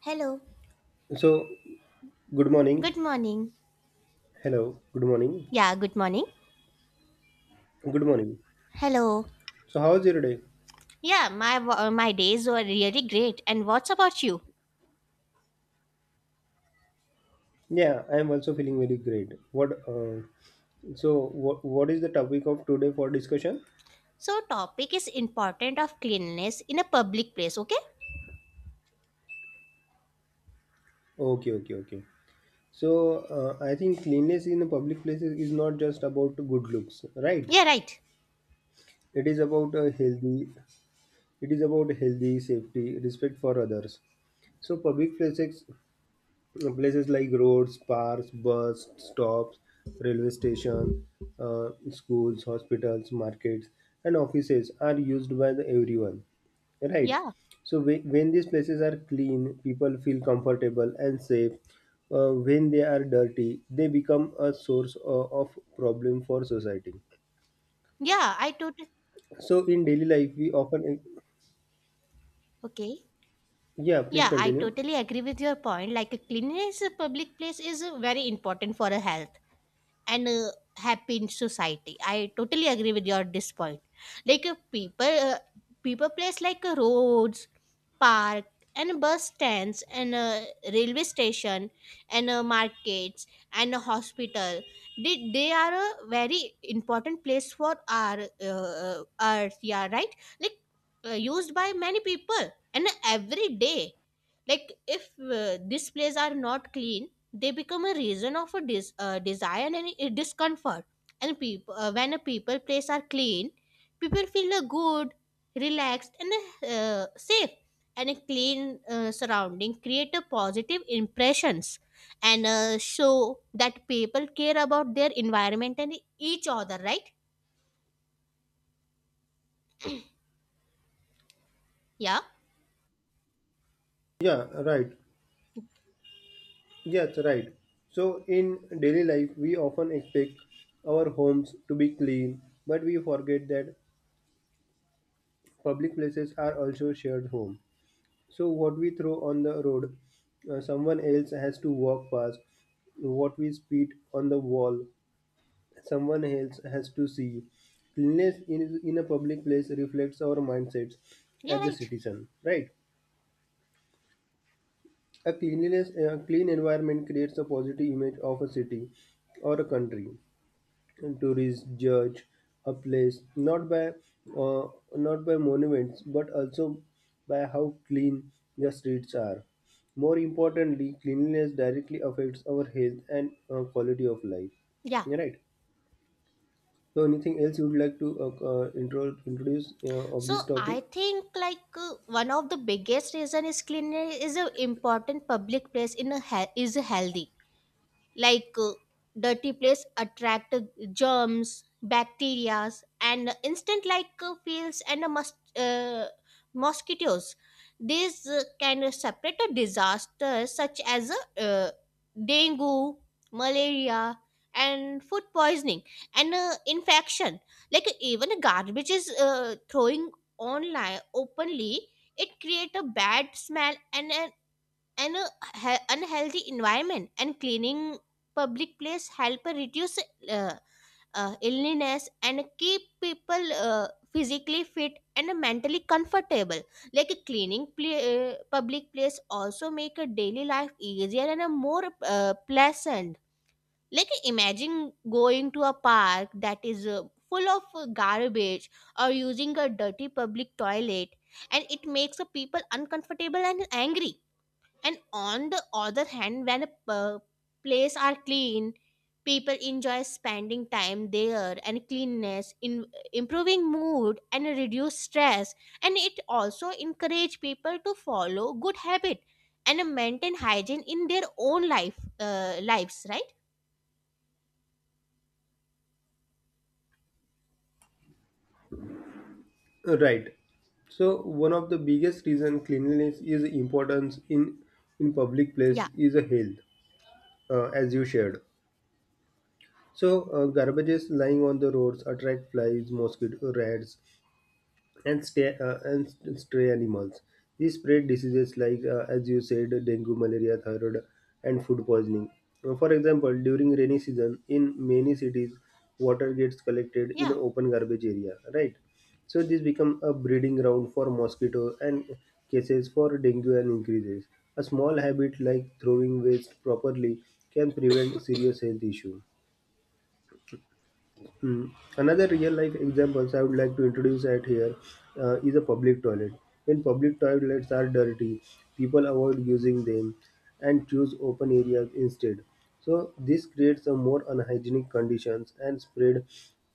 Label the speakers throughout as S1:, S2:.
S1: Hello.
S2: So, good
S1: Good
S2: morning.
S1: morning.
S2: Hello. Good morning.
S1: Yeah, good morning.
S2: Good morning.
S1: Hello.
S2: So, how's your day?
S1: Yeah, my days were really great. And what's about you?
S2: Yeah, I am also feeling very great. What? So what is the topic of today for discussion?
S1: So topic is important of cleanliness in a public place, okay?
S2: Okay, okay, okay. So, I think cleanliness in the public places is not just about good looks, right?
S1: Yeah, right.
S2: It is about a healthy. It is about healthy safety, respect for others. So, public places like roads, parks, bus stops, railway station, schools, hospitals, markets, and offices are used by the everyone. Right.
S1: Yeah.
S2: So when these places are clean, people feel comfortable and safe. When they are dirty, they become a source of problem for society.
S1: Yeah, I totally.
S2: So in daily life, we often,
S1: Okay.
S2: yeah, please
S1: Yeah, I
S2: continue.
S1: totally agree with your point. Like a cleanliness in a public place is very important for a health. And happy in society, I totally agree with your this point. Like people place like roads, park, and bus stands, and railway station, and markets, and a hospital. They are a very important place for our earth. Yeah, right. Like used by many people and every day. Like if displays are not clean, they become a reason of a desire and a discomfort. And people when a people place are clean, people feel good, relaxed, and safe. And a clean surrounding create a positive impressions, and show that people care about their environment and each other, right? Yeah.
S2: Yeah, right. Yes, right. So in daily life, we often expect our homes to be clean, but we forget that public places are also shared home. So what we throw on the road, someone else has to walk past. What we spit on the wall, someone else has to see. Cleanliness in a public place reflects our mindsets
S1: Yeah,
S2: as a
S1: right.
S2: citizen, right? A cleanliness, a clean environment creates a positive image of a city or a country. Tourists judge a place not by uh, not by monuments but also by how clean the streets are. More importantly, cleanliness directly affects our health and quality of life.
S1: Yeah.
S2: Right. So, anything else you would like to introduce of
S1: So
S2: this
S1: I
S2: topic?
S1: think like one of the biggest reason is cleanliness is an important public place in a is healthy. Like dirty place attract germs, bacteria, and instant like fields and mosquitoes. These can separate a disaster such as dengue, malaria, and food poisoning, and infection. Like even garbage is throwing online openly, it create a bad smell and an unhealthy environment. And cleaning public place help reduce uh, illness and keep people physically fit and mentally comfortable. Like public place also make a daily life easier and a more pleasant. Like imagine going to a park that is full of garbage or using a dirty public toilet, and it makes the people uncomfortable and angry. And on the other hand, when place are clean, people enjoy spending time there. And cleanness in improving mood and reduce stress, and it also encourage people to follow good habit and maintain hygiene in their own life lives, right?
S2: Right. So, one of the biggest reason cleanliness is importance in public place
S1: Yeah.
S2: is a health, as you shared. So garbages lying on the roads attract flies, mosquito rats, and stray, stray animals. These spread diseases like, as you said, dengue, malaria, thyroid, and food poisoning. For example, during rainy season, in many cities, water gets collected in
S1: Yeah.
S2: open garbage area, right? So this become a breeding ground for mosquito and cases for dengue and increases. A small habit like throwing waste properly can prevent serious health issue. Hmm. Another real life examples I would like to introduce at here is a public toilet. When public toilets are dirty, people avoid using them and choose open areas instead. So this creates a more unhygienic conditions and spread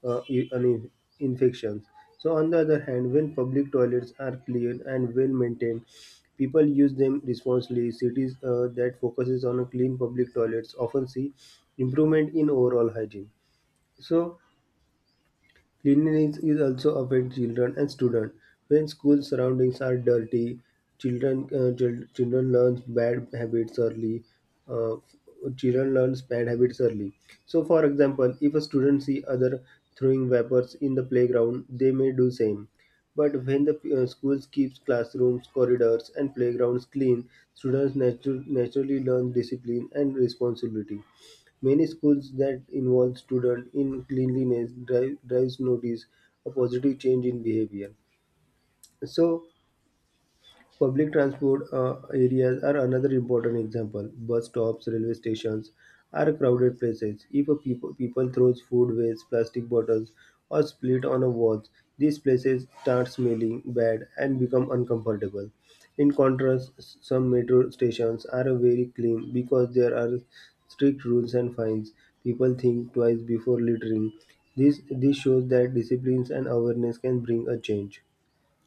S2: uh, i- an- infections. So on the other hand, when public toilets are clean and well maintained, people use them responsibly. Cities that focuses on a clean public toilets often see improvement in overall hygiene. So cleanliness is also affect children and students. When school surroundings are dirty, children learn bad habits early. Uh, Children learn bad habits early. So, for example, if a student see other throwing vapors in the playground, they may do same. But when the schools keeps classrooms, corridors, and playgrounds clean, students naturally learn discipline and responsibility. Many schools that involve students in cleanliness drives notice a positive change in behavior. So public transport areas are another important example. Bus stops, railway stations are crowded places. If people throws food waste, plastic bottles, or split on a walls, these places start smelling bad and become uncomfortable. In contrast, some metro stations are very clean because there are strict rules and fines. People think twice before littering. This shows that disciplines and awareness can bring a change.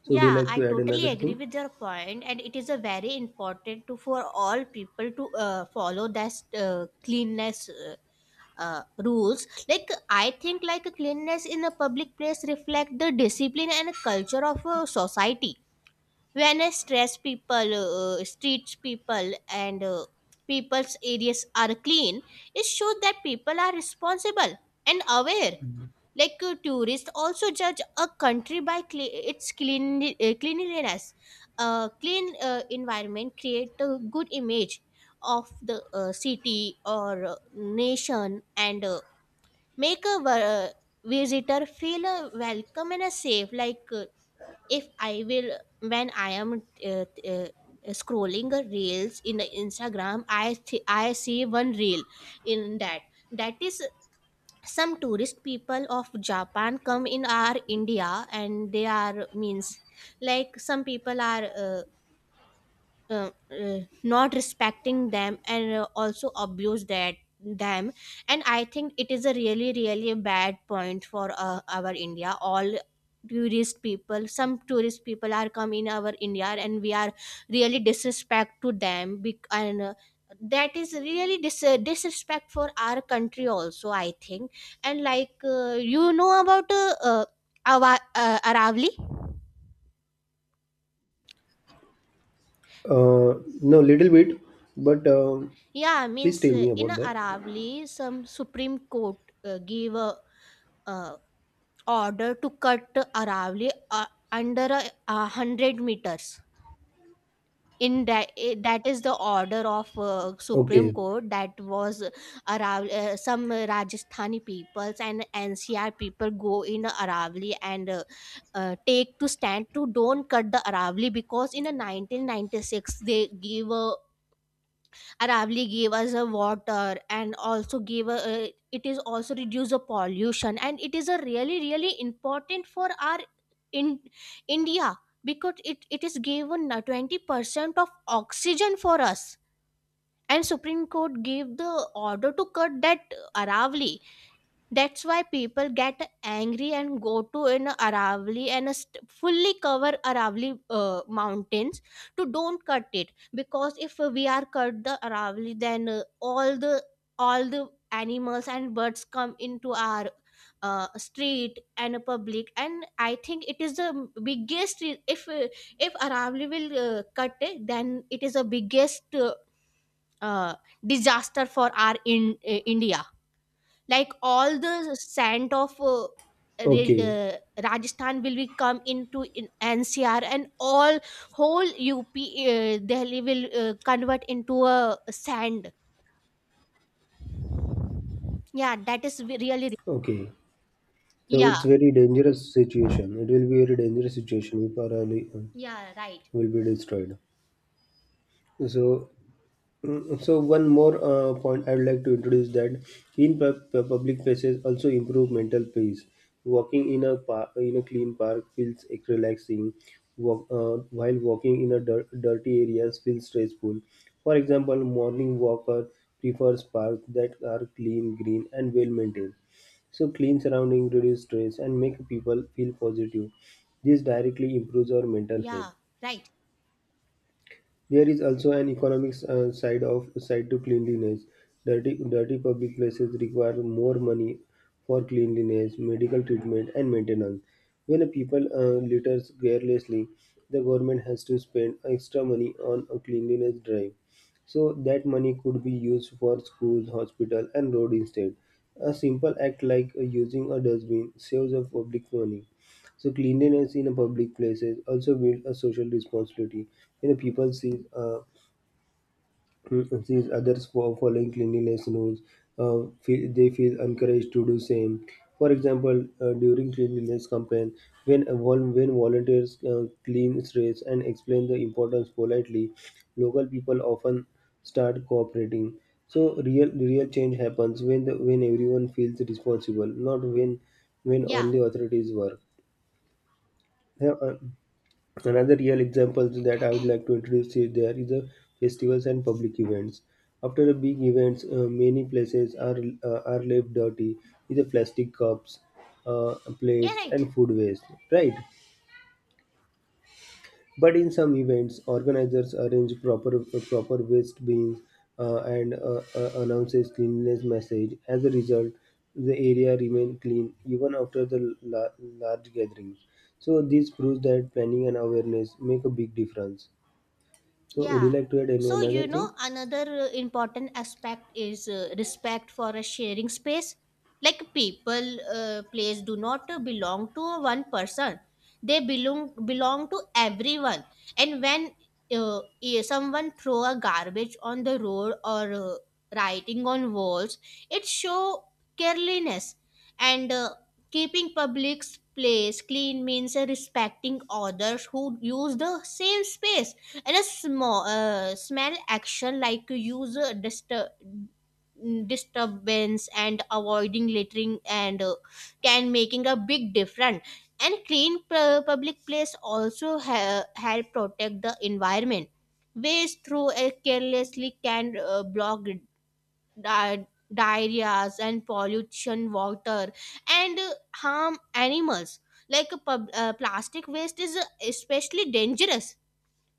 S2: So, would you
S1: Yeah,
S2: like
S1: I
S2: to add
S1: totally
S2: another
S1: agree
S2: thing?
S1: with your point, and it is a very important to for all people to follow that cleanness rules. Like I think like cleanliness in a public place reflect the discipline and culture of a society. When a stress people streets, people, and people's areas are clean, it shows that people are responsible and aware. Like tourists also judge a country by its cleanliness. A clean environment create a good image of the city or nation, and make a visitor feel welcome and safe. Like if I will when I am uh, scrolling reels in the Instagram, I see one reel. In that, that is some tourist people of Japan come in our India, and they are means like some people are not respecting them, and also abuse that them. And I think it is a really, really bad point for our India. All tourist people, some tourist people are come in our India, and we are really disrespect to them, bec- and that is really disrespect for our country also, I think. And like you know about aravali?
S2: No, little bit, but
S1: Yeah,
S2: please
S1: means
S2: tell me
S1: in
S2: about
S1: a
S2: that.
S1: Aravali, some Supreme Court gave a uh, order to cut Aravali under 100 meters. In that, that is the order of Supreme
S2: Okay,
S1: Court that was Aravali. Some Rajasthani peoples and NCR people go in Aravali, and take to stand to don't cut the Aravali, because in a 1996 they gave a Aravali, gave us a water, and also gave a, it is also reduce the pollution, and it is a really, really important for our in India, because it is given 20% of oxygen for us. And Supreme Court gave the order to cut that Aravali. That's why people get angry and go to in Aravali and fully cover Aravali mountains to don't cut it, because if we are cut the Aravali, then all the animals and birds come into our street and a public. And I think it is the biggest if Aravali will cut it, then it is the biggest uh, disaster for our in India. Like all the scent of Ra-
S2: okay,
S1: uh, Rajasthan will be come into in NCR, and all whole UP Delhi will convert into a sand. Yeah, that is really.
S2: okay. So
S1: Yeah.
S2: it's very dangerous situation. It will be very dangerous situation if our early
S1: Yeah, right.
S2: will be destroyed. So So one more point I would like to introduce that clean public places also improve mental peace. Walking in a park, in a clean park feels relaxing. While walking in a dirty areas feels stressful. For example, morning walker prefers parks that are clean, green, and well maintained. So clean surrounding reduce stress and make people feel positive. This directly improves our mental health.
S1: Yeah, right.
S2: There is also an economic side to cleanliness. Dirty public places require more money for cleanliness, medical treatment, and maintenance. When a people litters carelessly, the government has to spend extra money on a cleanliness drive. So that money could be used for schools, hospital, and road instead. A simple act like using a dustbin saves the public money. So cleanliness in a public places also builds a social responsibility. You know, people see sees others for following cleanliness rules. They feel encouraged to do same. For example, during cleanliness campaign, when volunteers clean streets and explain the importance politely, local people often start cooperating. So real change happens when everyone feels responsible, not when
S1: Yeah.
S2: only authorities work. Yeah, another real example that I would like to introduce is there is a festivals and public events. After a big events, many places are left dirty with the plastic cups,
S1: Yeah,
S2: plates,
S1: right.
S2: and food waste. Right, but in some events, organizers arrange proper waste bins and announces cleanliness message. As a result, the area remain clean even after the large gatherings. So this proves that planning and awareness make a big difference. So would you
S1: Yeah.
S2: like to add any
S1: So,
S2: another
S1: you know,
S2: thing?
S1: another important aspect is respect for a sharing space. Like place do not belong to one person, belong to everyone. And when someone throw a garbage on the road or writing on walls, it show carelessness. And keeping public place clean means respecting others who use the same space. And a small action like user disturbance and avoiding littering, and can making a big difference. And clean public place also help protect the environment. Waste through a carelessly can block di- diarrheas and pollution water, and harm animals. Like a plastic waste is especially dangerous.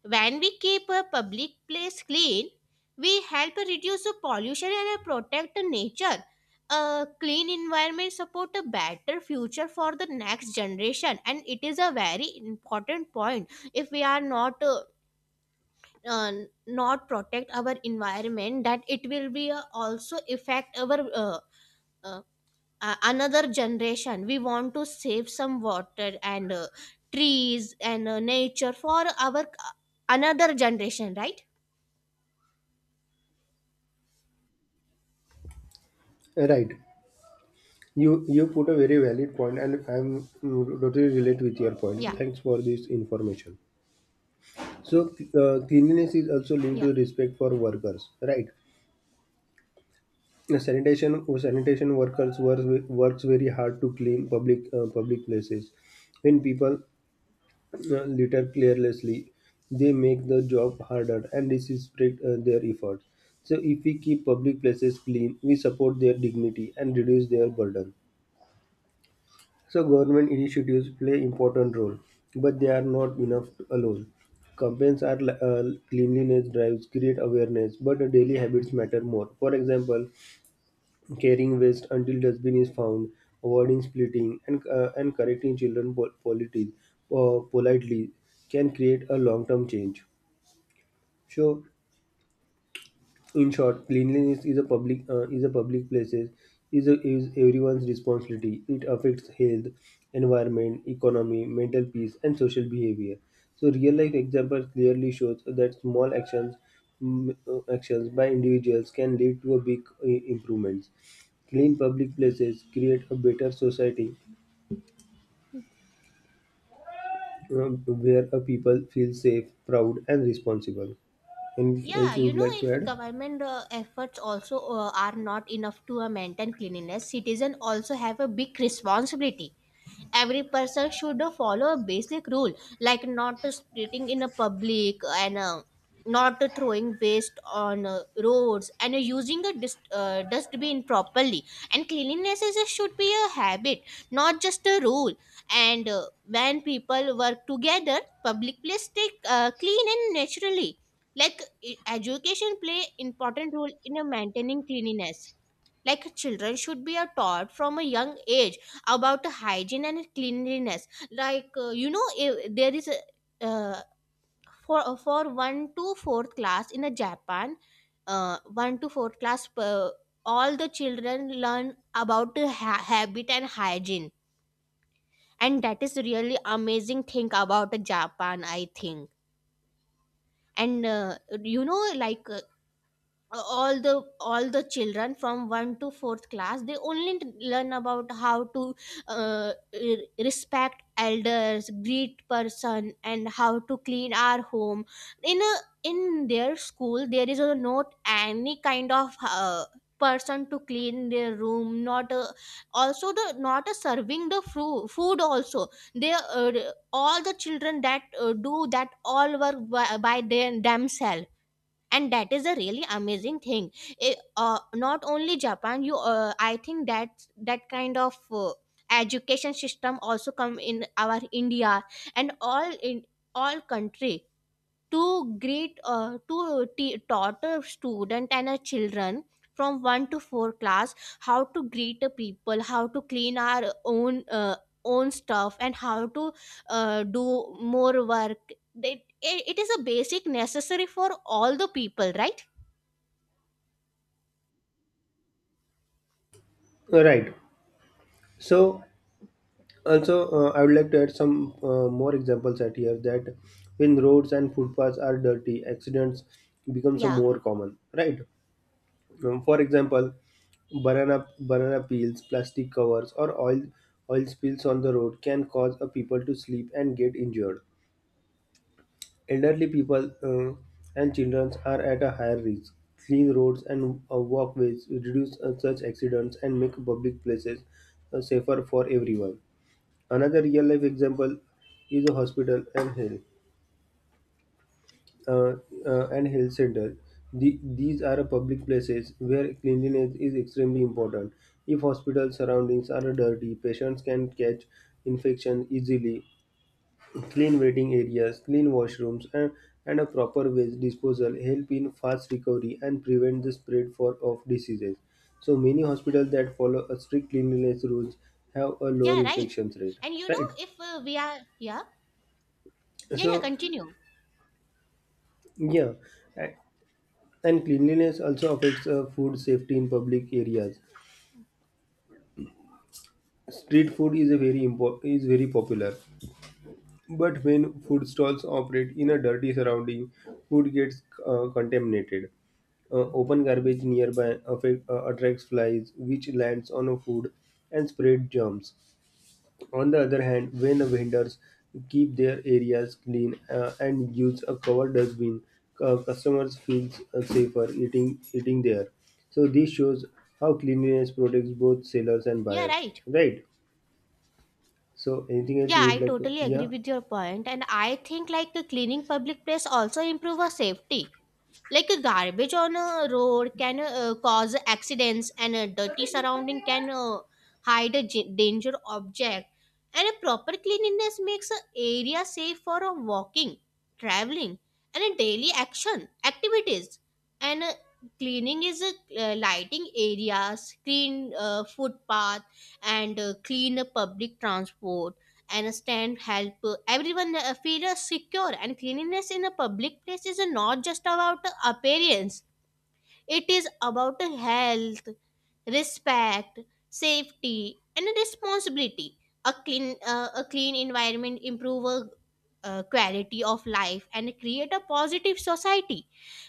S1: When we keep a public place clean, we help reduce the pollution and protect the nature. A clean environment support a better future for the next generation, and it is a very important point. If we are not uh, not protect our environment, that it will be also affect our uh, another generation. We want to save some water and trees and nature for our another generation, right?
S2: Right. You put a very valid point, and I'm totally relate with your
S1: Yeah.
S2: point. Thanks for this information. So cleanliness is also linked
S1: Yeah.
S2: to respect for workers, right? The Sanitation Sanitation workers works very hard to clean public public places. When people litter carelessly, they make the job harder, and this is spread their efforts. So if we keep public places clean, we support their dignity and reduce their burden. So government initiatives play important role, but they are not enough alone. Campaigns are li- uh, Cleanliness drives create awareness, but the daily habits matter more. For example, carrying waste until dustbin is found, avoiding splitting, and correcting children polities politely can create a long-term change. So in short, cleanliness is a public places is a, is everyone's responsibility. It affects health, environment, economy, mental peace, and social behavior. So, real life example clearly shows that small actions actions by individuals can lead to a big improvements. Clean public places create a better society uh, where a people feel safe, proud, and responsible. Anything else
S1: Yeah,
S2: you
S1: you
S2: would
S1: know,
S2: like to
S1: if
S2: add?
S1: government efforts also are not enough to maintain cleanliness, citizens also have a big responsibility. Every person should follow a basic rule, like not splitting in a public, and not throwing waste on roads, and using a dustbin properly. And cleanliness is, should be a habit, not just a rule. And when people work together, public place stay clean and naturally. Like education play important role in a maintaining cleanliness. Like children should be a taught from a young age about hygiene and cleanliness. Like you know, if there is a uh, for 1 to 4th class in a Japan, uh, 1 to 4th class per, all the children learn about the habit and hygiene, and that is really amazing thing about Japan, I think. And you know, like uh, all the all the children from 1 to 4th class, they only learn about how to uh, respect elders, greet person, and how to clean our home. In a in their school, there is a not any kind of person to clean their room, not a, also the not a serving the food also. They all the children that do that all work by their themselves, and that is a really amazing thing. Not only Japan, you I think that that kind of education system also come in our India and all in all country. Two great taught a student and a children from 1 to 4 class how to greet a people, how to clean our own own stuff, and how to do more work. They, it is a basic necessary for all the people, right?
S2: Right. So also, I would like to add some more examples at here that when roads and footpaths are dirty, accidents becomes a
S1: Yeah.
S2: more common, right? For example, banana peels, plastic covers, or oil spills on the road can cause a people to sleep and get injured. Elderly people and children are at a higher risk. Clean roads and walkways reduce such accidents and make public places safer for everyone. Another real-life example is a hospital and health uh, and health center. These are public places where cleanliness is extremely important. If hospital surroundings are dirty, patients can catch infection easily. Clean waiting areas, clean washrooms, and a proper waste disposal help in fast recovery and prevent the spread of diseases. So many hospitals that follow a strict cleanliness rules have a lower
S1: Yeah, right.
S2: infection rate.
S1: And you know,
S2: Right.
S1: if we are. Yeah. Yeah, yeah,
S2: So
S1: continue.
S2: yeah, a- and cleanliness also affects food safety in public areas. Street food is very popular, but when food stalls operate in a dirty surrounding, food gets contaminated. Open garbage nearby attracts flies, which lands on a food and spread germs. On the other hand, when vendors keep their areas clean and use a covered dustbin, customers feel safer eating there. So this shows how cleanliness protects both sellers and
S1: Yeah,
S2: buyers,
S1: right.
S2: right? So anything else
S1: Yeah,
S2: you would
S1: I
S2: like to?
S1: totally agree
S2: Yeah,
S1: with your point, and I think like a cleaning public place also improve our safety. Like a garbage on a road can cause accidents, and a dirty surrounding can hide a danger object. And a proper cleanliness makes an area safe for a walking, traveling, and a daily action activities. And cleaning is a lighting areas, clean footpath, and clean public transport and stand help everyone feel secure. And cleanliness in a public place is not just about appearance, it is about health, respect, safety, and responsibility. A clean a clean environment improve quality of life and create a positive society.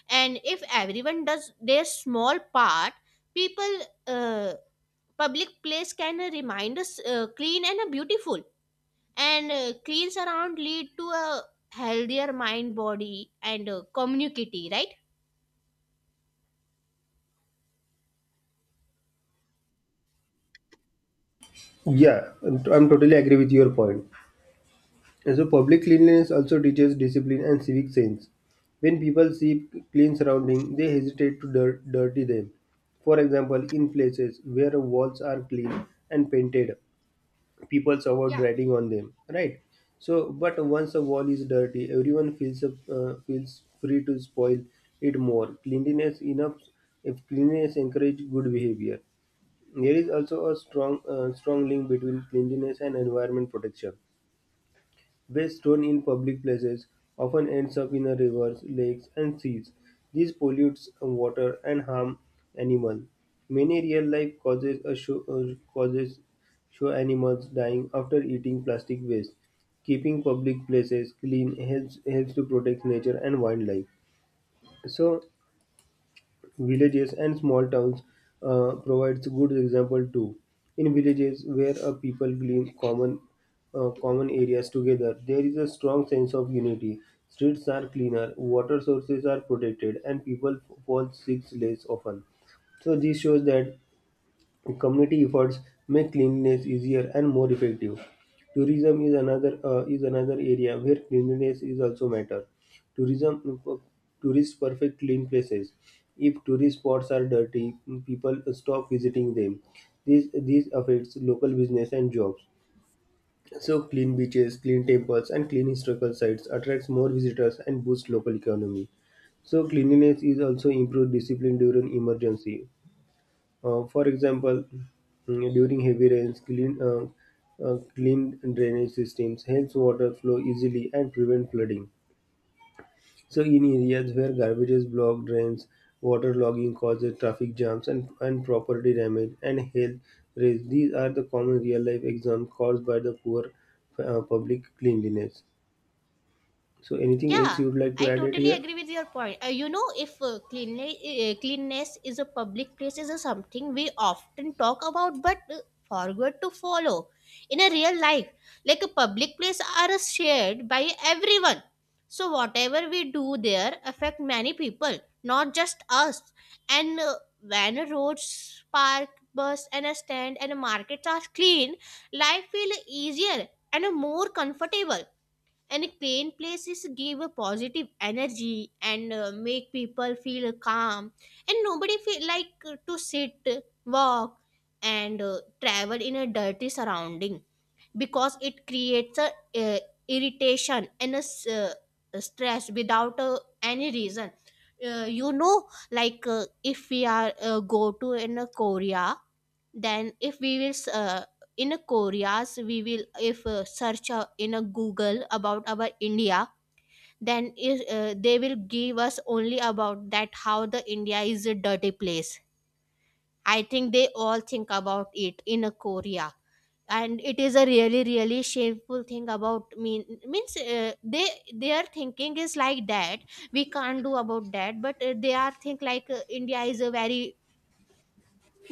S1: And if everyone does their small part, people uh, public place can remind us clean and beautiful. And cleans around lead to a healthier mind, body, and community, right?
S2: yeah, I'm totally agree with your point. And so public cleanliness also teaches discipline and civic sense. When people see clean surroundings, they hesitate to dirty them. For example, in places where walls are clean and painted, people avoid riding on them. Right. So, but once a wall is dirty, everyone feels feels free to spoil it more. Cleanliness enough if cleanliness encourage good behavior. There is also a strong link between cleanliness and environment protection. Waste thrown in public places often ends up in our rivers, lakes, and seas. This pollutes water and harm animals. Many real-life causes show animals dying after eating plastic waste. Keeping public places clean helps to protect nature and wildlife. So villages and small towns provides good example too. In villages where a people clean common areas together, there is a strong sense of unity. Streets are cleaner, water sources are protected, and people fall sick less often. So this shows that community efforts make cleanliness easier and more effective. Tourism is another area where cleanliness is also matter. Tourism Tourists perfect clean places. If tourist spots are dirty, people stop visiting them. This affects local business and jobs. So clean beaches, clean temples, and clean historical sites attracts more visitors and boosts local economy. So cleanliness is also improved discipline during emergency. For example, during heavy rains, clean drainage systems helps water flow easily and prevent flooding. So, in areas where garbages block drains, water logging causes traffic jams and property damage and health risks. These are the common real life examples caused by the poor public cleanliness. So, anything else
S1: Yeah,
S2: you would like to
S1: I
S2: add it
S1: totally
S2: here?
S1: agree with your point. You know, if cleanly, Cleanness is a public place is a something we often talk about but forget to follow in a real life. Like a public place are shared by everyone. So whatever we do there affect many people, not just us. And When a roads, park, bus and a stand and a markets are clean, life feel easier and more comfortable and clean places give a positive energy and make people feel calm and nobody feel like to sit, walk and travel in a dirty surrounding because it creates a uh, irritation and a s- stress without any reason. Like if we are go to in a Korea, then if we will in a Koreas we will if search in a Google about our India, then is they will give us only about that how the India is a dirty place. I think they all think about it in a Korea. And it is a really really shameful thing about mean means they, their thinking is like that. We can't do about that but they are think like India is a very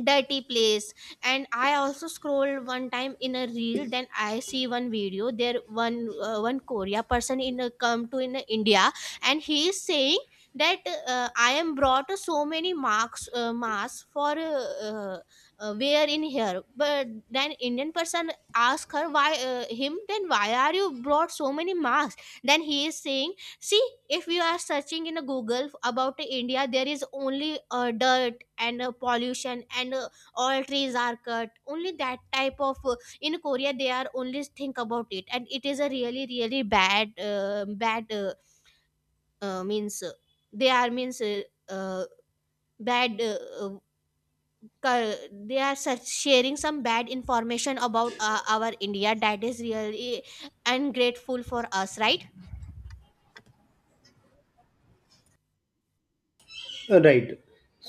S1: dirty place. And I also scrolled one time in a reel, then I see one video there, one one Korea person in a come to in a India. And he is saying that I am brought so many marks masks for wear in here. But then Indian person ask her why him, then why are you brought so many masks? Then he is saying, see, if you are searching in a Google about India, there is only dirt and pollution, and all trees are cut. Only that type of. In Korea, they are only think about it, and it is a really, really bad means they are means uh, bad. Uh, they are such sharing some bad information about our India that is really ungrateful for us, right?
S2: Right.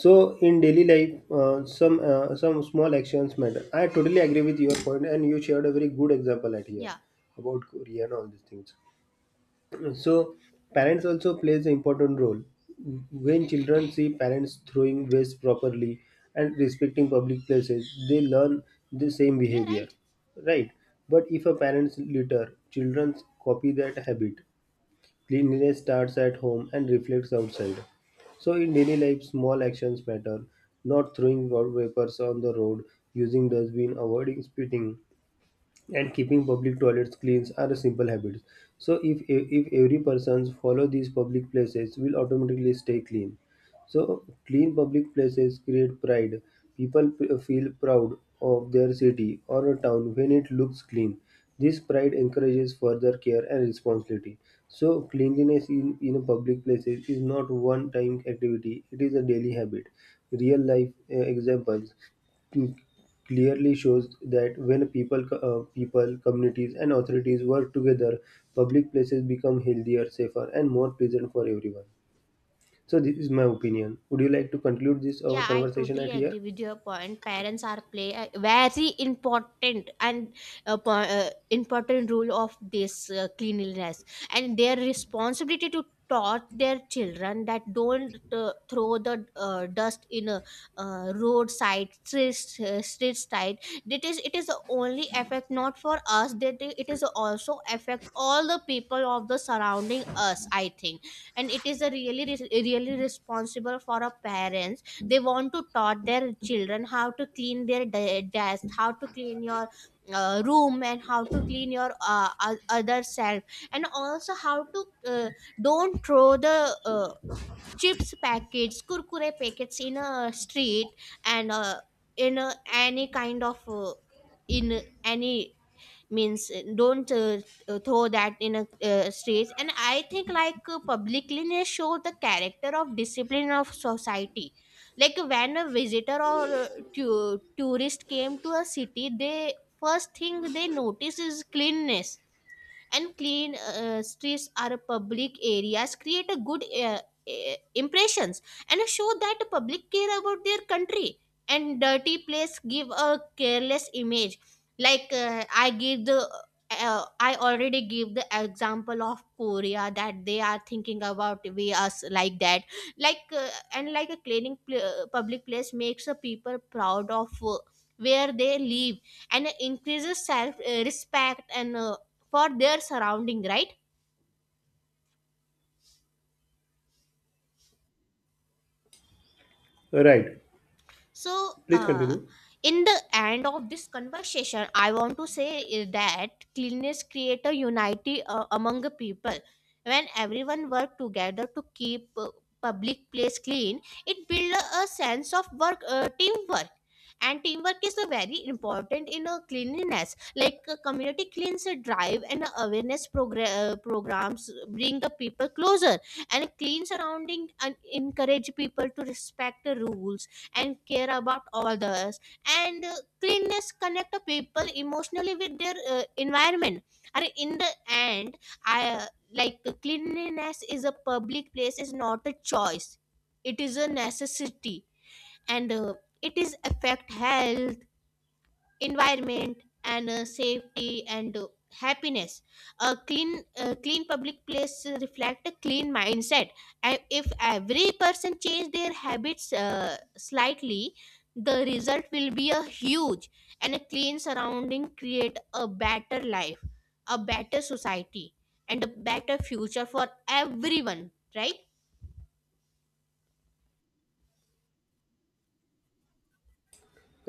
S2: So in daily life, some small actions matter. I totally agree with your point, and you shared a very good example at here
S1: Yeah,
S2: about Korea and all these things. So parents also plays an important role when children see parents throwing waste properly and respecting public places. They learn the same
S1: yeah,
S2: behavior,
S1: right.
S2: right? But if a parents litter, children copy that habit. Cleanliness starts at home and reflects outside. So, in daily life, small actions matter. Not throwing vapors on the road, using dustbin, avoiding spitting, and keeping public toilets clean are simple habits. So if every persons follow these public places, will automatically stay clean. So clean public places create pride. People feel proud of their city or a town when it looks clean. This pride encourages further care and responsibility. So cleanliness in a public places is not one time activity, it is a daily habit. Real life examples clearly shows that when people, communities, and authorities work together, public places become healthier, safer, and more pleasant for everyone. So this is my opinion. Would you like to conclude this our
S1: Yeah, I
S2: conversation
S1: totally
S2: at here?
S1: agree with your point. Parents are play a very important and important role of this cleanliness, and their responsibility to taught their children that don't throw the dust in a roadside street street side. It is only affect not for us. That it is also affect all the people of the surrounding us, I think. And it is a really really responsible for a parents. They want to taught their children how to clean their desk, how to clean your room and how to clean your other self, and also how to uh, don't throw the uh, chips packets, kurkure packets in a street and in a, any kind of in any means don't throw that in a streets. And I think like publicliness show the character of discipline of society. Like when a visitor or tourist came to a city, they first thing they notice is cleanness. And clean streets are public areas create a good impressions and show that public care about their country. And dirty place give a careless image. Like I already give the example of Korea, that they are thinking about we us like that. Like and like a public place makes the people proud of where they live and increases self respect and for their surrounding, right?
S2: Right.
S1: So
S2: Please continue.
S1: in the end of this conversation I want to say is that cleanliness create a unity among the people. When everyone work together to keep public place clean, it build a sense of work teamwork. And teamwork is a very important in a cleanliness, like a community cleans a drive and a programs bring the people closer and clean surrounding and encourage people to respect the rules and care about others. And cleanliness connect people emotionally with their environment. And in the end, I like cleanliness is a public place is not a choice, it is a necessity. And it is affect health, environment, and safety and happiness. A clean public place reflect a clean mindset. And if every person change their habits slightly, the result will be a huge. And a clean surrounding create a better life, a better society, and a better future for everyone, right?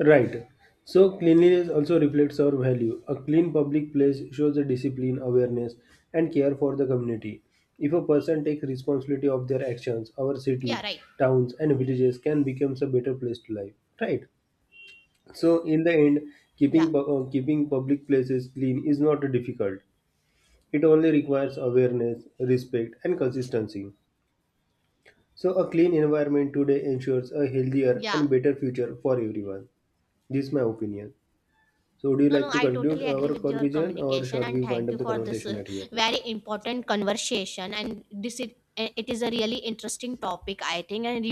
S2: Right. So cleanliness also reflects our value. A clean public place shows a discipline, awareness, and care for the community. If a person takes responsibility of their actions, our cities,
S1: Yeah, right.
S2: towns, and villages can become a better place to live. Right. So in the end,
S1: Yeah.
S2: keeping public places clean is not difficult. It only requires awareness, respect, and consistency. So a clean environment today ensures a healthier
S1: Yeah.
S2: and better future for everyone. This is my opinion. So would you
S1: No, no,
S2: like to
S1: I
S2: conclude
S1: totally agree
S2: our
S1: with your
S2: conclusion, or
S1: communication
S2: shall
S1: and
S2: we wind
S1: thank
S2: up
S1: you
S2: the
S1: for this
S2: conversation at here?
S1: very important conversation. And this is, it is a really interesting topic, I think. And